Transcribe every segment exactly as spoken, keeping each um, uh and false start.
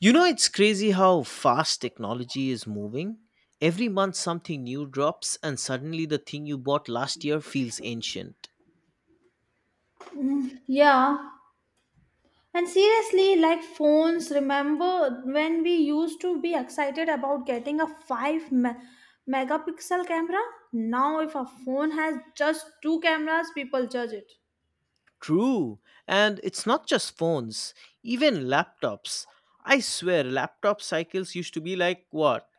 You know, it's crazy how fast technology is moving. Every month, something new drops, and suddenly the thing you bought last year feels ancient. Yeah, and seriously, like phones, remember when we used to be excited about getting a five me- megapixel camera? Now, if a phone has just two cameras, people judge it. True. And it's not just phones, even laptops. I swear, laptop cycles used to be like what?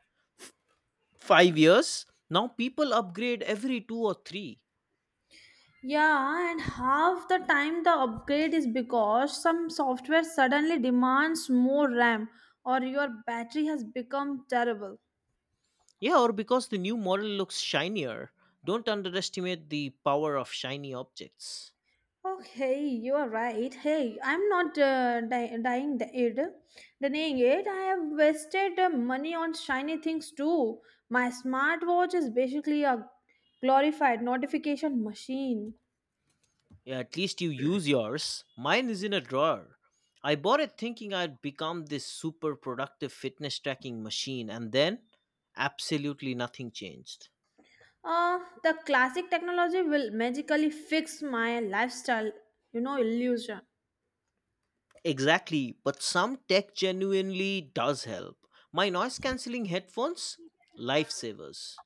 Five years? Now people upgrade every two or three. Yeah, and half the time the upgrade is because some software suddenly demands more RAM or your battery has become terrible. Yeah, or because the new model looks shinier. Don't underestimate the power of shiny objects. Okay, you are right. Hey, I'm not uh, di- dying the it, denying it. I have wasted uh, money on shiny things too. My smartwatch is basically a glorified notification machine. Yeah, at least you use yours. Mine is in a drawer. I bought it thinking I'd become this super productive fitness tracking machine, and then absolutely nothing changed. Uh, the classic technology will magically fix my lifestyle, you know, illusion. Exactly, but some tech genuinely does help. My noise cancelling headphones? Lifesavers.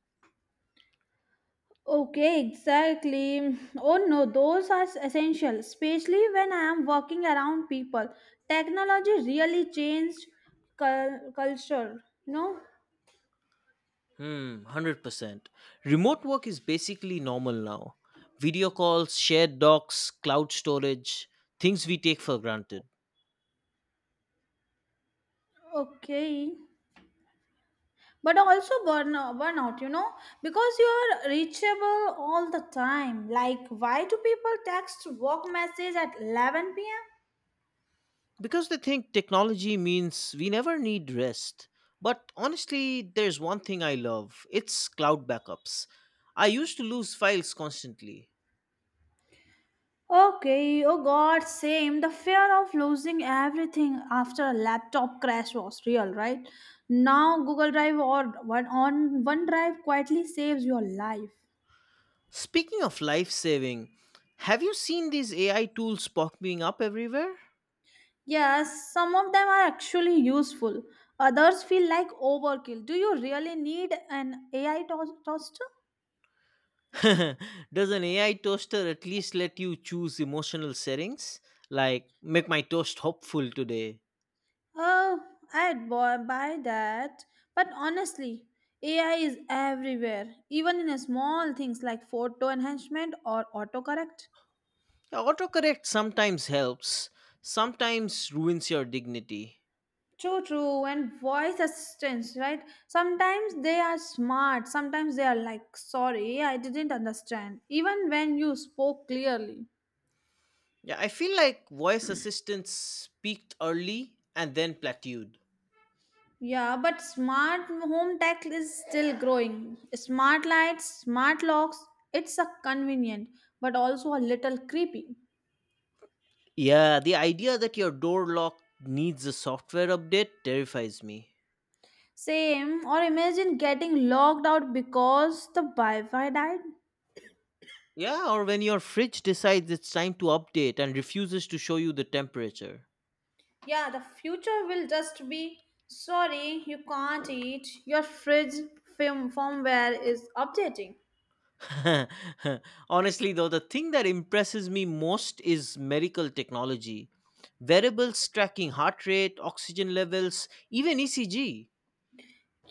Okay, exactly. Oh no, those are essential, especially when I am working around people. Technology really changed cul- culture, no? Hmm, one hundred percent. Remote work is basically normal now. Video calls, shared docs, cloud storage, things we take for granted. Okay. But also burnout, burnout, you know, because you are reachable all the time. Like, why do people text work message at eleven p m? Because they think technology means we never need rest. But honestly, there's one thing I love, it's cloud backups. I used to lose files constantly. Okay, oh god, same. The fear of losing everything after a laptop crash was real, right? Now Google Drive or one on OneDrive quietly saves your life. Speaking of life saving, have you seen these A I tools popping up everywhere? Yes, some of them are actually useful. Others feel like overkill. Do you really need an A I to- toaster? Does an A I toaster at least let you choose emotional settings? Like, make my toast hopeful today? Oh, I'd buy buy that. But honestly, A I is everywhere, even in small things like photo enhancement or autocorrect. Autocorrect sometimes helps, sometimes ruins your dignity. True, true. And voice assistants, right? Sometimes they are smart. Sometimes they are like, sorry, I didn't understand. Even when you spoke clearly. Yeah, I feel like voice assistants peaked early and then plateaued. Yeah, but smart home tech is still growing. Smart lights, smart locks, it's a convenient, but also a little creepy. Yeah, the idea that your door lock needs a software update terrifies me. Same, or imagine getting logged out because the Wi Fi died. Yeah, or when your fridge decides it's time to update and refuses to show you the temperature. Yeah, the future will just be sorry, you can't eat. Your fridge film firmware is updating. Honestly, though, the thing that impresses me most is medical technology. Variables tracking heart rate, oxygen levels, even E C G.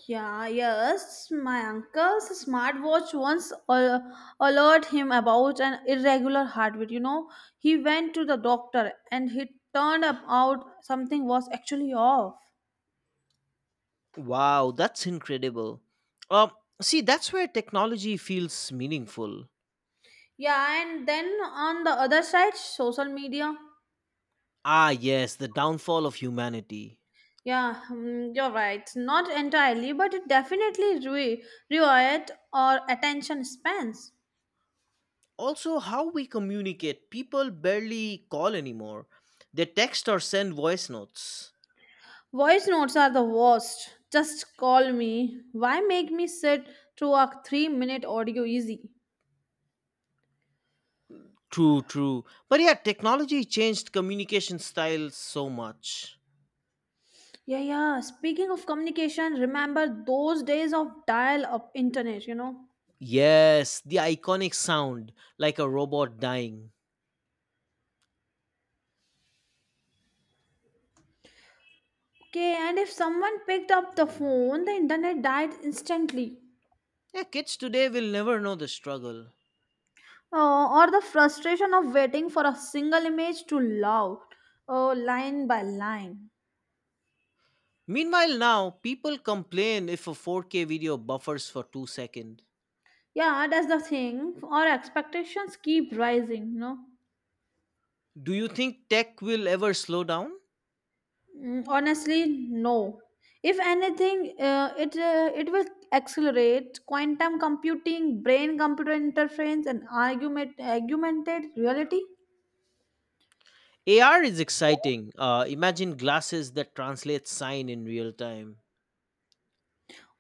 Yeah, yes, my uncle's smartwatch once al- alerted him about an irregular heartbeat. You know, he went to the doctor and he turned up out something was actually off. Wow, that's incredible. Um, See, that's where technology feels meaningful. Yeah, and then on the other side, social media. Ah, yes, the downfall of humanity. Yeah, mm, you're right. Not entirely, but it definitely re- riot or attention spans. Also, how we communicate. People barely call anymore. They text or send voice notes. Voice notes are the worst. Just call me. Why make me sit through a three minute audio easy? True, true. But yeah, technology changed communication style so much. Yeah, yeah. Speaking of communication, remember those days of dial up internet, you know? Yes, the iconic sound, like a robot dying. Okay, and if someone picked up the phone, the internet died instantly. Yeah, kids today will never know the struggle. Uh, or the frustration of waiting for a single image to load uh, line by line. Meanwhile, now people complain if a four K video buffers for two seconds. Yeah, that's the thing. Our expectations keep rising, no? Do you think tech will ever slow down? Mm, Honestly, no. If anything, uh, it uh, it will accelerate quantum computing, brain-computer interference, and argument augmented reality, A R is exciting. Uh, imagine glasses that translate sign in real time.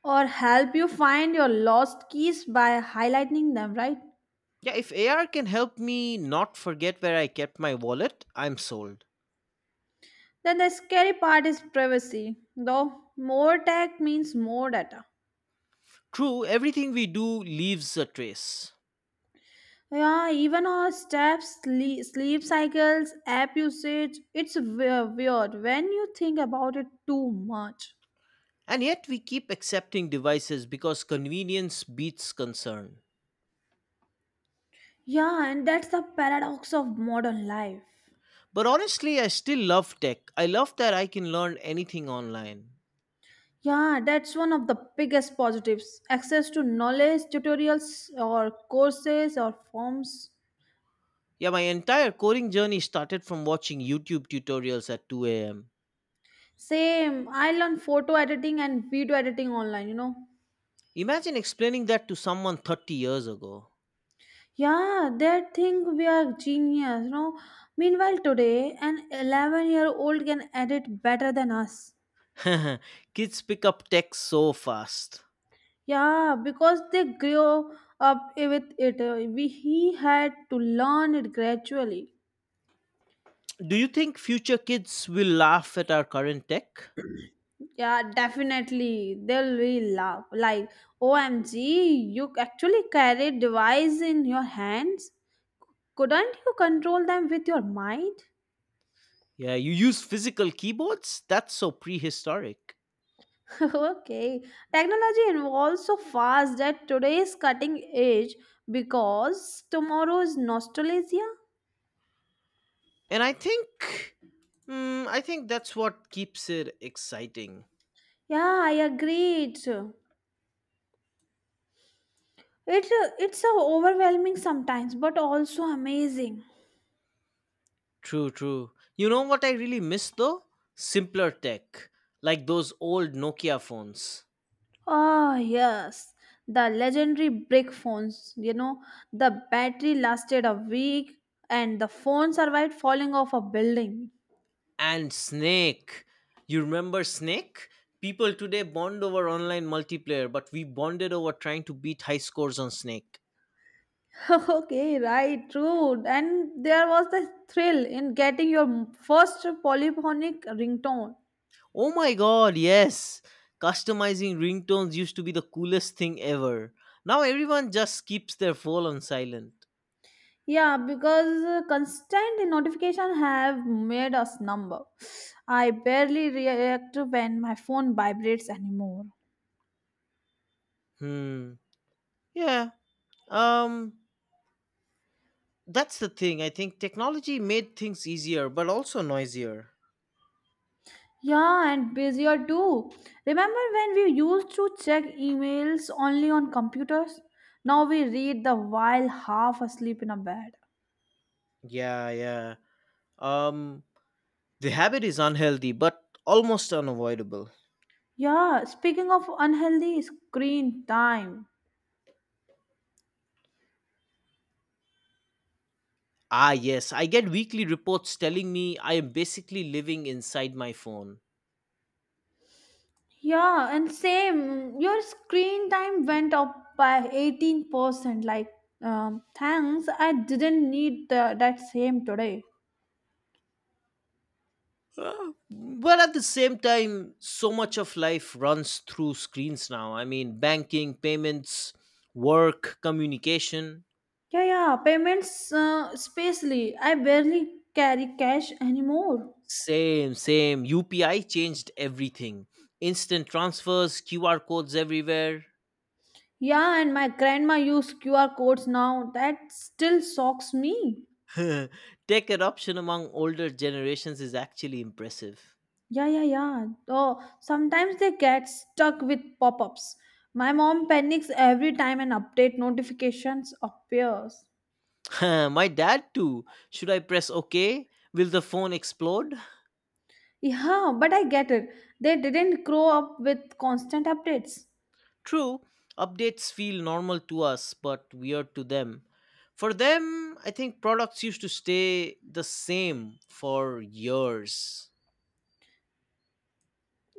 or help you find your lost keys by highlighting them, right? Yeah, if A R can help me not forget where I kept my wallet, I'm sold. Then the scary part is privacy, though more tech means more data. True, everything we do leaves a trace. Yeah, even our steps, sle- sleep cycles, app usage, it's we- weird when you think about it too much. And yet we keep accepting devices because convenience beats concern. Yeah, and that's the paradox of modern life. But honestly, I still love tech. I love that I can learn anything online. Yeah, that's one of the biggest positives. Access to knowledge, tutorials, or courses, or forms. Yeah, my entire coding journey started from watching YouTube tutorials at two a m. Same, I learned photo editing and video editing online, you know. Imagine explaining that to someone thirty years ago. Yeah, they think we are genius, you know. Meanwhile, today, an eleven year old can edit better than us. Kids pick up tech so fast. Yeah, because they grew up with it. Uh, We, he had to learn it gradually. Do you think future kids will laugh at our current tech? Yeah, definitely. They'll really laugh. Like, O M G, you actually carry device in your hands? Couldn't you control them with your mind? Yeah, you use physical keyboards? That's so prehistoric. Okay, technology evolves so fast that today is cutting edge because tomorrow is nostalgia. And I think, mm, I think that's what keeps it exciting. Yeah, I agree. It, it it's so overwhelming sometimes, but also amazing. True, true. You know what I really miss though? Simpler tech, like those old Nokia phones. Ah, yes, the legendary brick phones. You know, the battery lasted a week, and the phone survived falling off a building. And Snake. You remember Snake? People today bond over online multiplayer, but we bonded over trying to beat high scores on Snake. Okay, right, true. And there was the thrill in getting your first polyphonic ringtone. Oh my god, yes! Customizing ringtones used to be the coolest thing ever. Now everyone just keeps their phone on silent. Yeah, because uh, constant notification have made us numb. I barely react when my phone vibrates anymore. Hmm. Yeah. Um. That's the thing. I think technology made things easier, but also noisier. Yeah, and busier too. Remember when we used to check emails only on computers? Now we read the while half asleep in a bed. Yeah, yeah. Um, the habit is unhealthy, but almost unavoidable. Yeah, speaking of unhealthy screen time. Ah, yes. I get weekly reports telling me I am basically living inside my phone. Yeah, and same. Your screen time went up by eighteen percent. Like, um, thanks, I didn't need the, that same today. Uh, but at the same time, so much of life runs through screens now. I mean, banking, payments, work, communication. Yeah, yeah, payments, uh, spacely. I barely carry cash anymore. Same, same. U P I changed everything. Instant transfers, Q R codes everywhere. Yeah, and my grandma used Q R codes now. That still shocks me. Tech adoption among older generations is actually impressive. Yeah, yeah, yeah. Oh, sometimes they get stuck with pop ups. My mom panics every time an update notifications appears. My dad, too. Should I press OK? Will the phone explode? Yeah, but I get it. They didn't grow up with constant updates. True, updates feel normal to us, but weird to them. For them, I think products used to stay the same for years.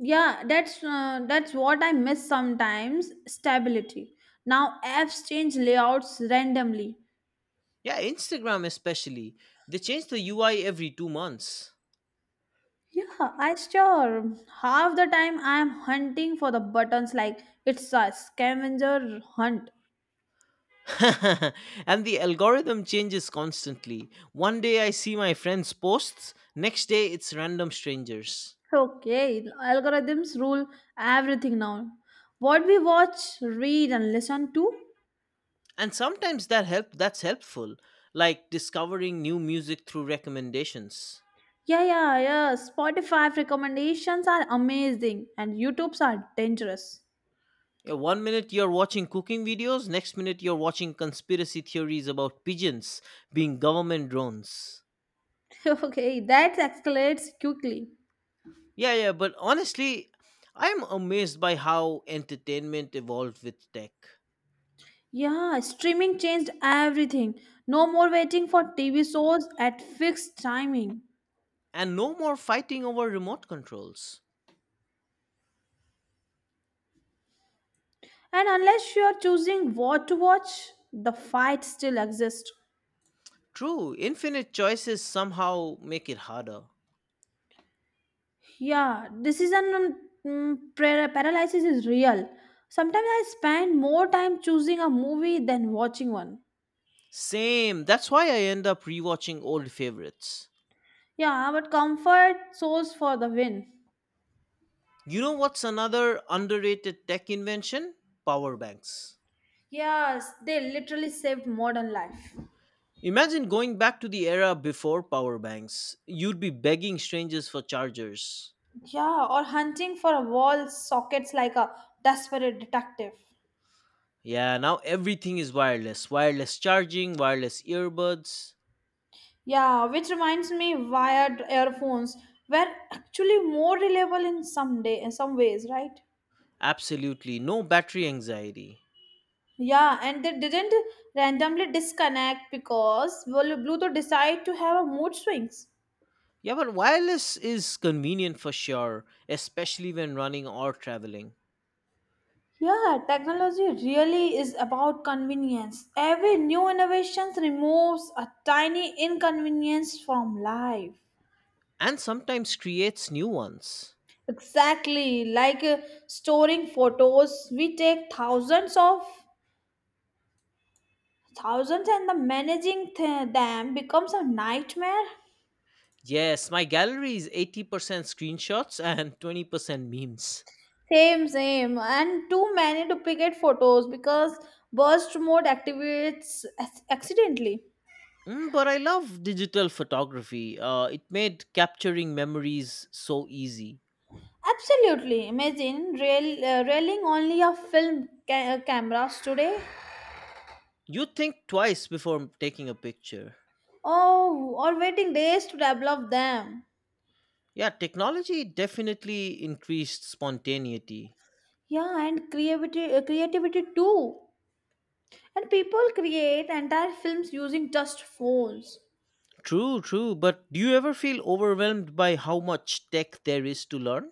Yeah, that's uh, that's what I miss sometimes, stability. Now apps change layouts randomly. Yeah, Instagram especially. They change the U I every two months. Yeah, I sure. Half the time I am hunting for the buttons like it's a scavenger hunt. And the algorithm changes constantly. One day I see my friends' posts, next day it's random strangers. Okay, algorithms rule everything now. What we watch, read and listen to. And sometimes that help that's helpful, like discovering new music through recommendations. Yeah, yeah, yeah. Spotify recommendations are amazing and YouTube's are dangerous. Yeah, one minute you're watching cooking videos, next minute you're watching conspiracy theories about pigeons being government drones. Okay, that escalates quickly. Yeah, yeah, but honestly, I'm amazed by how entertainment evolved with tech. Yeah, streaming changed everything. No more waiting for T V shows at fixed timing. And no more fighting over remote controls. And unless you are choosing what to watch, the fight still exists. True, infinite choices somehow make it harder. Yeah, decision um, mm, par- paralysis is real. Sometimes I spend more time choosing a movie than watching one. Same, that's why I end up rewatching old favorites. Yeah, but comfort source for the win. You know what's another underrated tech invention? Power banks. Yes, they literally saved modern life. Imagine going back to the era before power banks. You'd be begging strangers for chargers. Yeah, or hunting for a wall sockets like a desperate detective. Yeah, now everything is wireless. Wireless charging, wireless earbuds. Yeah, which reminds me, wired earphones were actually more reliable in some day in some ways, right? Absolutely, no battery anxiety. Yeah, and they didn't randomly disconnect because well, Bluetooth decided to have a mood swings. Yeah, but wireless is convenient for sure, especially when running or traveling. Yeah, technology really is about convenience. Every new innovation removes a tiny inconvenience from life. And sometimes creates new ones. Exactly, like uh, storing photos, we take thousands of thousands and the managing th- them becomes a nightmare. Yes, my gallery is eighty percent screenshots and twenty percent memes. Same, same, and too many duplicate photos because burst mode activates ac- accidentally. Mm, but I love digital photography. Uh, it made capturing memories so easy. Absolutely. Imagine rail, uh, railing only of film ca- uh, cameras today. You think twice before taking a picture. Oh, or waiting days to develop them. Yeah, technology definitely increased spontaneity. Yeah, and creativity, uh, creativity too. And people create entire films using just phones True, true. But do you ever feel overwhelmed by how much tech there is to learn?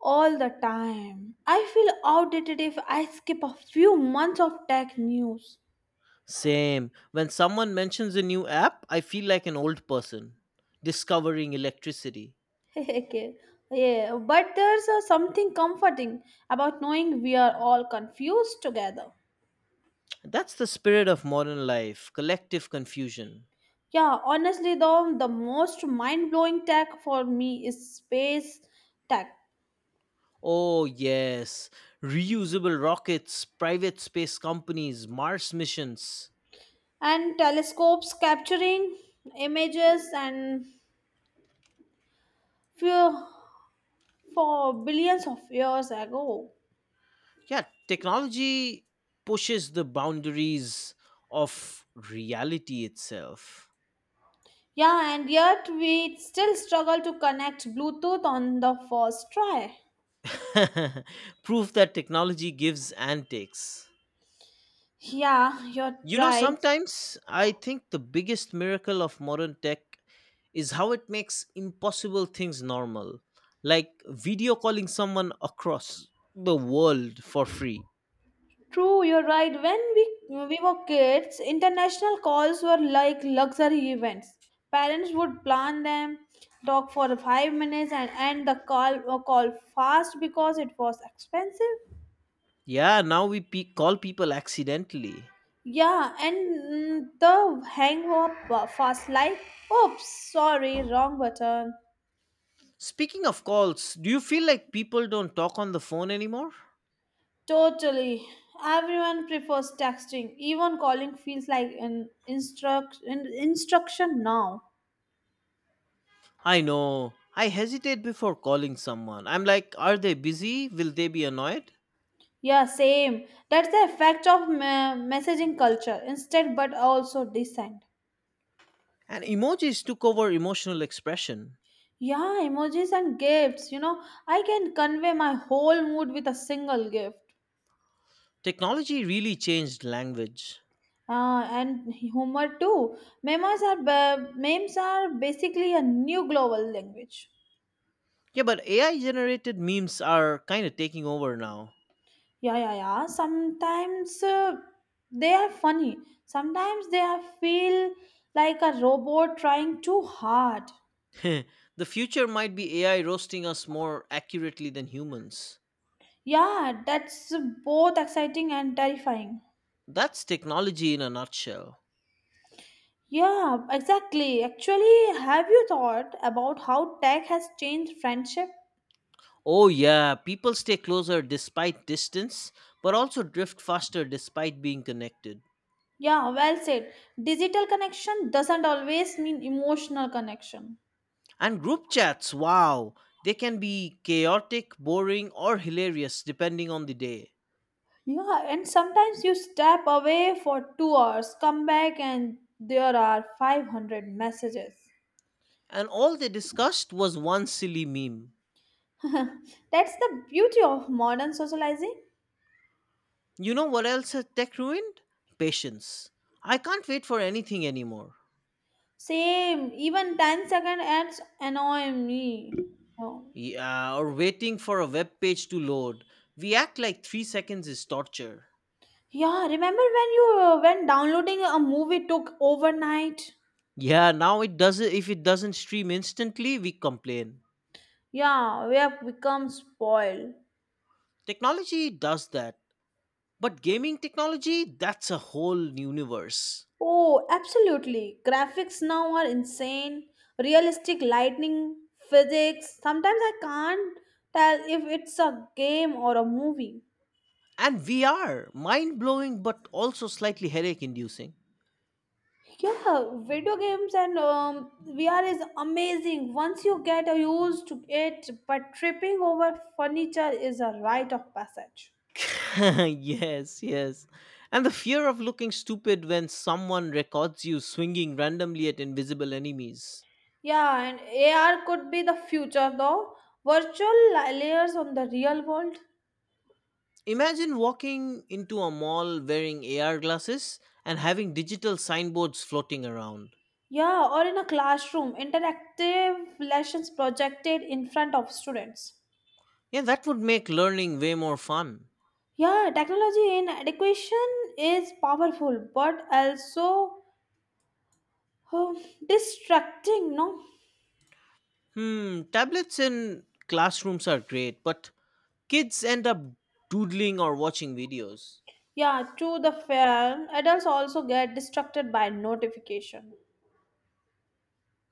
all the time. I feel outdated if I skip a few months of tech news. Same. When someone mentions a new app, I feel like an old person discovering electricity. Okay. Yeah, but there's uh, something comforting about knowing we are all confused together. That's the spirit of modern life, collective confusion. Yeah, honestly, though, the most mind blowing tech for me is space tech Oh, yes. Reusable rockets, private space companies, Mars missions. and telescopes capturing images and few for billions of years ago. Yeah, technology pushes the boundaries of reality itself. Yeah, and yet we still struggle to connect Bluetooth on the first try. Proof that technology gives and takes. Yeah, you're You know, right. Sometimes I think the biggest miracle of modern tech is how it makes impossible things normal, like video calling someone across the world for free. True, you're right. When we we were kids, international calls were like luxury events. Parents would plan them, talk for five minutes, and end the call uh, call fast because it was expensive. Yeah, now we pe- call people accidentally. Yeah, and mm, the hang up uh, fast like, oops, sorry, wrong button. Speaking of calls, do you feel like people don't talk on the phone anymore? Totally. Everyone prefers texting. Even calling feels like an instruct an instruction now. I know. I hesitate before calling someone. I'm like, are they busy? Will they be annoyed? Yeah, same. That's the effect of me- messaging culture instead, but also descent. And emojis took over emotional expression. Yeah, emojis and gifts. You know, I can convey my whole mood with a single gift. Technology really changed language. Uh, and humor too. Memes are ba- memes are basically a new global language. Yeah, but A I generated memes are kind of taking over now. Yeah, yeah, yeah. Sometimes uh, they are funny. Sometimes they are feel like a robot trying too hard. The future might be A I roasting us more accurately than humans. Yeah, that's both exciting and terrifying. That's technology in a nutshell. Yeah, exactly. Actually, have you thought about how tech has changed friendship? Oh, yeah, people stay closer despite distance, but also drift faster despite being connected. Yeah, well said. Digital connection doesn't always mean emotional connection. And group chats, wow, they can be chaotic, boring, or hilarious depending on the day. Yeah, and sometimes you step away for two hours, come back, and there are five hundred messages. And all they discussed was one silly meme. That's the beauty of modern socializing. You know what else has tech ruined? Patience. I can't wait for anything anymore. Same, even ten second ads annoy me. Oh. Yeah, or waiting for a web page to load. We act like three seconds is torture. Yeah, remember when you uh, when downloading a movie took overnight? Yeah, now it doesn't. If it doesn't stream instantly, we complain. Yeah, we have become spoiled. Technology does that, but gaming technology—that's a whole universe. Oh, absolutely. Graphics now are insane. Realistic lightning, physics. Sometimes I can't tell if it's a game or a movie. And V R, mind blowing, but also slightly headache inducing. Yeah, video games and um, V R is amazing. Once you get used to it, but tripping over furniture is a rite of passage. Yes, yes. And the fear of looking stupid when someone records you swinging randomly at invisible enemies. Yeah, and A R could be the future though. Virtual li- layers on the real world. Imagine walking into a mall wearing A R glasses and having digital signboards floating around. Yeah, or in a classroom, interactive lessons projected in front of students. Yeah, that would make learning way more fun. Yeah, technology in education is powerful but also um, distracting, no? Hmm, tablets in classrooms are great, but kids end up doodling or watching videos. Yeah, to the fair, adults also get distracted by notification.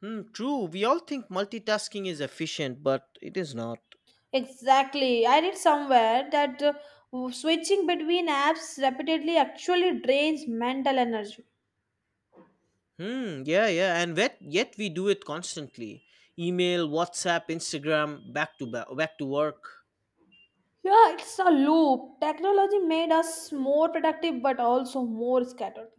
Hmm, true, we all think multitasking is efficient, but it is not. Exactly. I read somewhere that uh, switching between apps repeatedly actually drains mental energy. Hmm. Yeah, yeah, and yet yet we do it constantly. Email, WhatsApp, Instagram, back to back, back to work. Yeah, it's a loop. Technology made us more productive but also more scattered.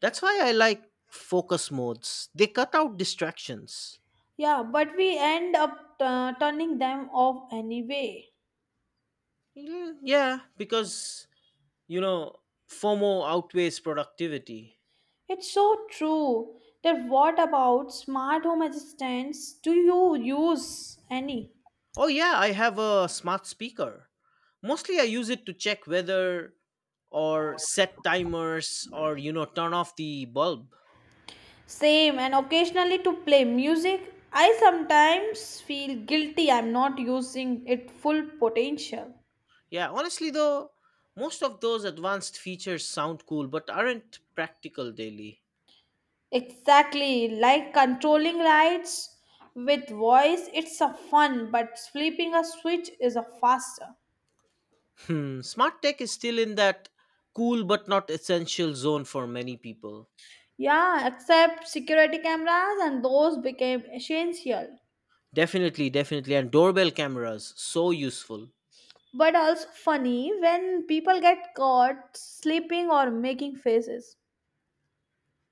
That's why I like focus modes. They cut out distractions. Yeah, but we end up uh, turning them off anyway. Mm, yeah, because you know FOMO outweighs productivity. It's so true. That what about smart home assistants? Do you use any? Oh yeah, I have a smart speaker. Mostly, I use it to check weather or set timers or you know turn off the bulb. Same, and occasionally to play music. I sometimes feel guilty I'm not using it full potential. Yeah, honestly though, most of those advanced features sound cool but aren't practical daily. Exactly, like controlling lights with voice, it's a fun, but flipping a switch is a faster. Hmm, smart tech is still in that cool but not essential zone for many people. Yeah, except security cameras and those became essential. Definitely, definitely. And doorbell cameras, so useful. But also funny when people get caught sleeping or making faces.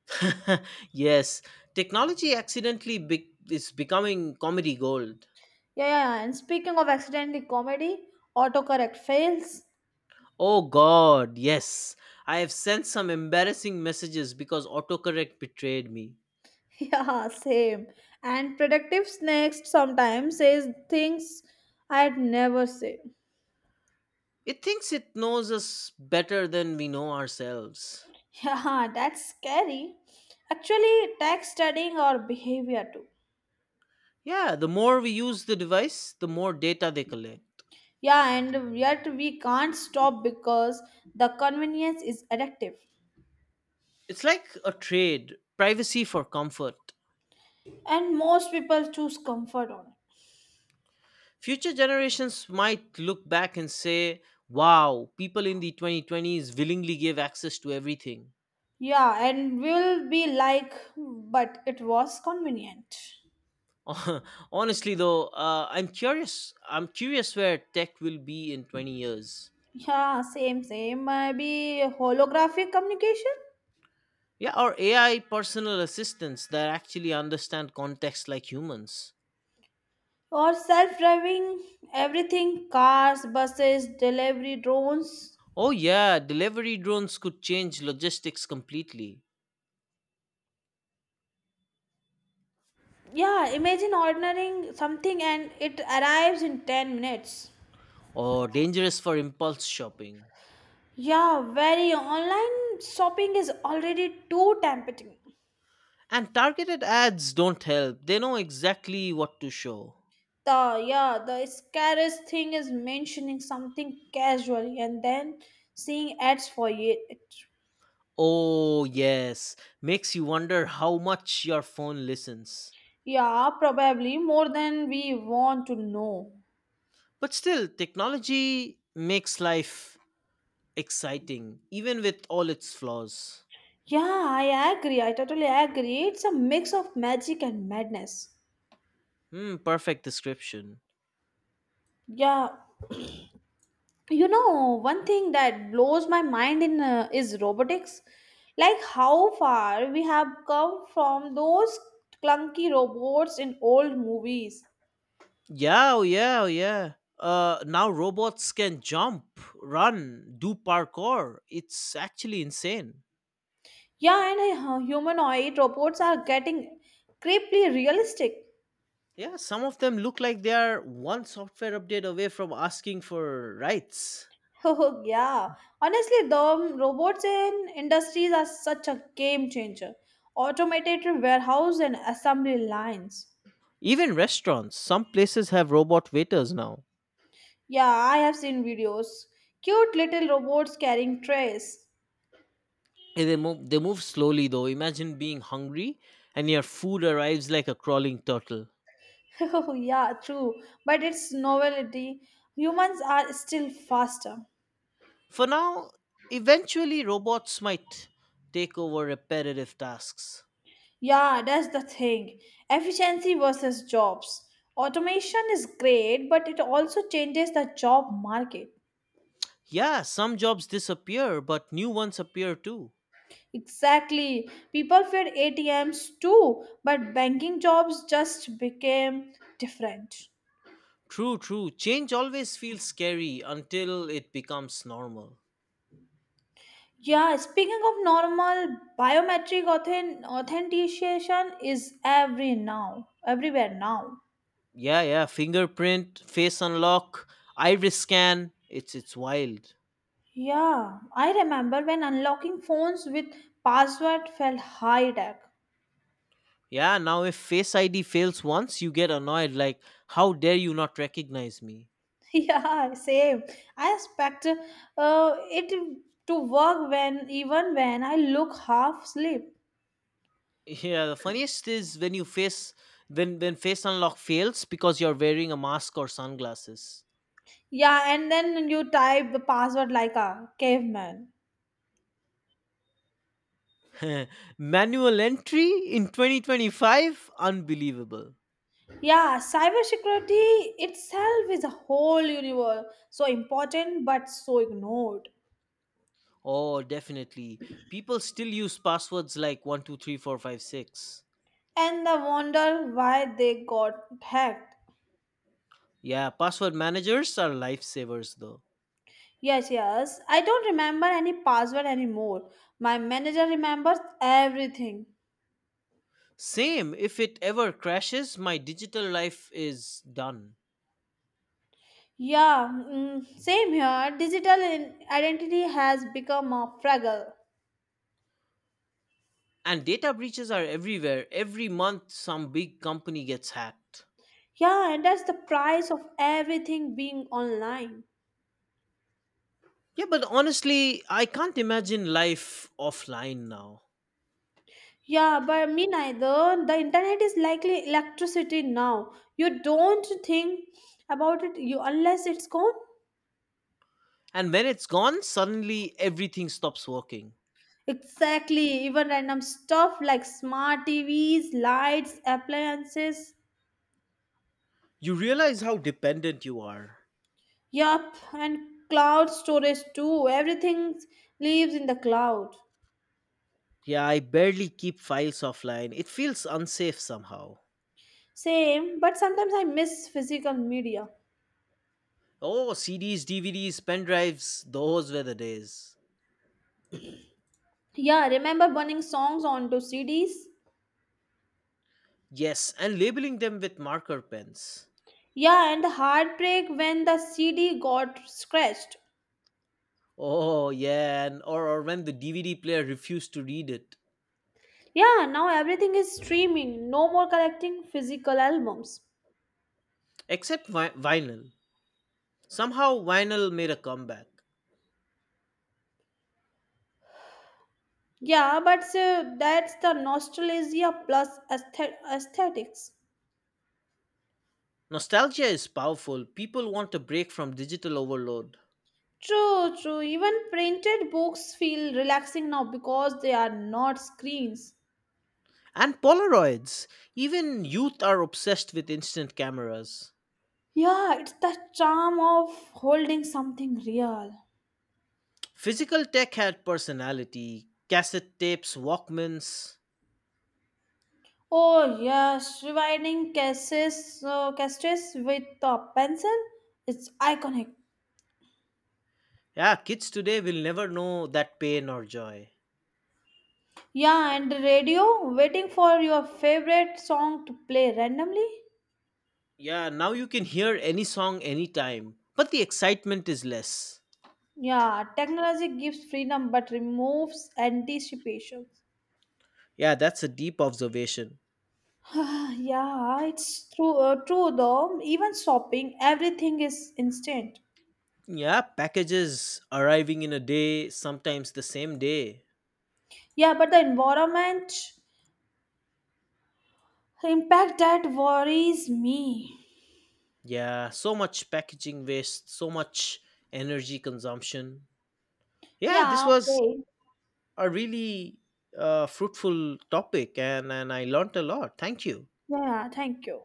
Yes, technology accidentally be- is becoming comedy gold. Yeah, yeah, yeah, and speaking of accidental comedy, autocorrect fails. Oh god, yes. I have sent some embarrassing messages because autocorrect betrayed me. Yeah, same. And predictive snakes sometimes says things I'd never say. It thinks it knows us better than we know ourselves. Yeah, that's scary. Actually, tech studying or behavior too. Yeah, the more we use the device, the more data they collect. Yeah, and yet we can't stop because the convenience is addictive. It's like a trade privacy for comfort. And most people choose comfort on it. Future generations might look back and say, wow, people in the twenty twenties willingly gave access to everything. Yeah, and we'll be like, but it was convenient. Honestly, though, uh, I'm curious. I'm curious where tech will be in twenty years. Yeah, same, same. Maybe holographic communication Yeah, or A I personal assistants that actually understand context like humans. or self driving everything cars, buses, delivery drones. Oh, yeah, delivery drones could change logistics completely. Yeah, imagine ordering something and it arrives in ten minutes. Or dangerous for impulse shopping. Yeah, very online shopping is already too tempting. And targeted ads don't help, they know exactly what to show. The yeah, the scariest thing is mentioning something casually and then seeing ads for it. Oh, yes, makes you wonder how much your phone listens. Yeah, probably more than we want to know. But still, technology makes life exciting, even with all its flaws. Yeah, I agree. I totally agree. It's a mix of magic and madness. Hmm, perfect description. Yeah, you know one thing that blows my mind in uh, is robotics, like how far we have come from those clunky robots in old movies. Yeah, oh yeah, oh yeah. Uh, now robots can jump, run, do parkour. It's actually insane. Yeah, and uh, humanoid robots are getting creepily realistic. Yeah, some of them look like they are one software update away from asking for rights. Oh yeah, honestly the um, robots in industries are such a game changer, automated warehouse and assembly lines. Even restaurants, some places have robot waiters now. Yeah, I have seen videos, cute little robots carrying trays. And They move, they move slowly though. Imagine being hungry and your food arrives like a crawling turtle. Oh, yeah, true. But its novelty, humans are still faster. For now, eventually robots might take over repetitive tasks. Yeah, that's the thing. Efficiency versus jobs. Automation is great, but it also changes the job market. Yeah, some jobs disappear, but new ones appear too. Exactly. People feared A T Ms too, but banking jobs just became different. True, true. Change always feels scary until it becomes normal. Yeah, speaking of normal, biometric authen- authentication is every now, everywhere now. Yeah, yeah, fingerprint face unlock, iris scan, it's it's wild. Yeah, I remember when unlocking phones with password felt high tech. Yeah, now if face id fails once, you get annoyed like, how dare you not recognize me. Yeah, same. I expect uh, it to work when even when I look half asleep. Yeah, the funniest is when you face when when face unlock fails because you're wearing a mask or sunglasses. Yeah, and then you type the password like a caveman. Manual entry in twenty twenty-five, unbelievable. Yeah, cybersecurity itself is a whole universe. So important but so ignored. Oh definitely, people still use passwords like one two three four five six. And I wonder why they got hacked. Yeah, password managers are lifesavers though. Yes, yes. I don't remember any password anymore. My manager remembers everything. Same, if it ever crashes, my digital life is done. Yeah, mm, same here. Digital in- identity has become a fragile. And data breaches are everywhere. Every month, some big company gets hacked. Yeah, and that's the price of everything being online. Yeah, but honestly, I can't imagine life offline now. Yeah, but me neither. The internet is likely electricity now. You don't think about it you unless it's gone. And when it's gone, suddenly everything stops working. Exactly. Even random stuff like smart T Vs, lights, appliances, You realize how dependent you are. yup, and cloud storage too. Everything lives in the cloud. Yeah, I barely keep files offline. It feels unsafe somehow. Same, but sometimes I miss physical media. Oh, C Ds, D V Ds, pen drives, those were the days. Yeah, remember burning songs onto C Ds? Yes, and labeling them with marker pens. Yeah, and the heartbreak when the C D got scratched. Oh yeah, and or, or when the D V D player refused to read it. Yeah, now everything is streaming. No more collecting physical albums. Except vi- vinyl. Somehow vinyl made a comeback. Yeah, but uh, that's the nostalgia plus aesthet- aesthetics. Nostalgia is powerful. People want a break from digital overload. True, true. Even printed books feel relaxing now because they are not screens. And Polaroids. Even youth are obsessed with instant cameras. Yeah, it's the charm of holding something real. Physical tech had personality. Cassette tapes, Walkmans. Oh yes, rewinding cases, uh, cassettes with a pencil. It's iconic. Yeah, kids today will never know that pain or joy. Yeah, and the radio, waiting for your favorite song to play randomly. Yeah, now you can hear any song anytime, but the excitement is less. Yeah, technology gives freedom but removes anticipation. Yeah, that's a deep observation. Yeah, it's true, uh, true though. Even shopping, everything is instant. Yeah, packages arriving in a day, sometimes the same day. Yeah, but the environment impact that worries me. Yeah, so much packaging waste, so much energy consumption. Yeah, this Yeah, was okay. a really uh, fruitful topic, and, and I learned a lot. Thank you. Yeah, thank you.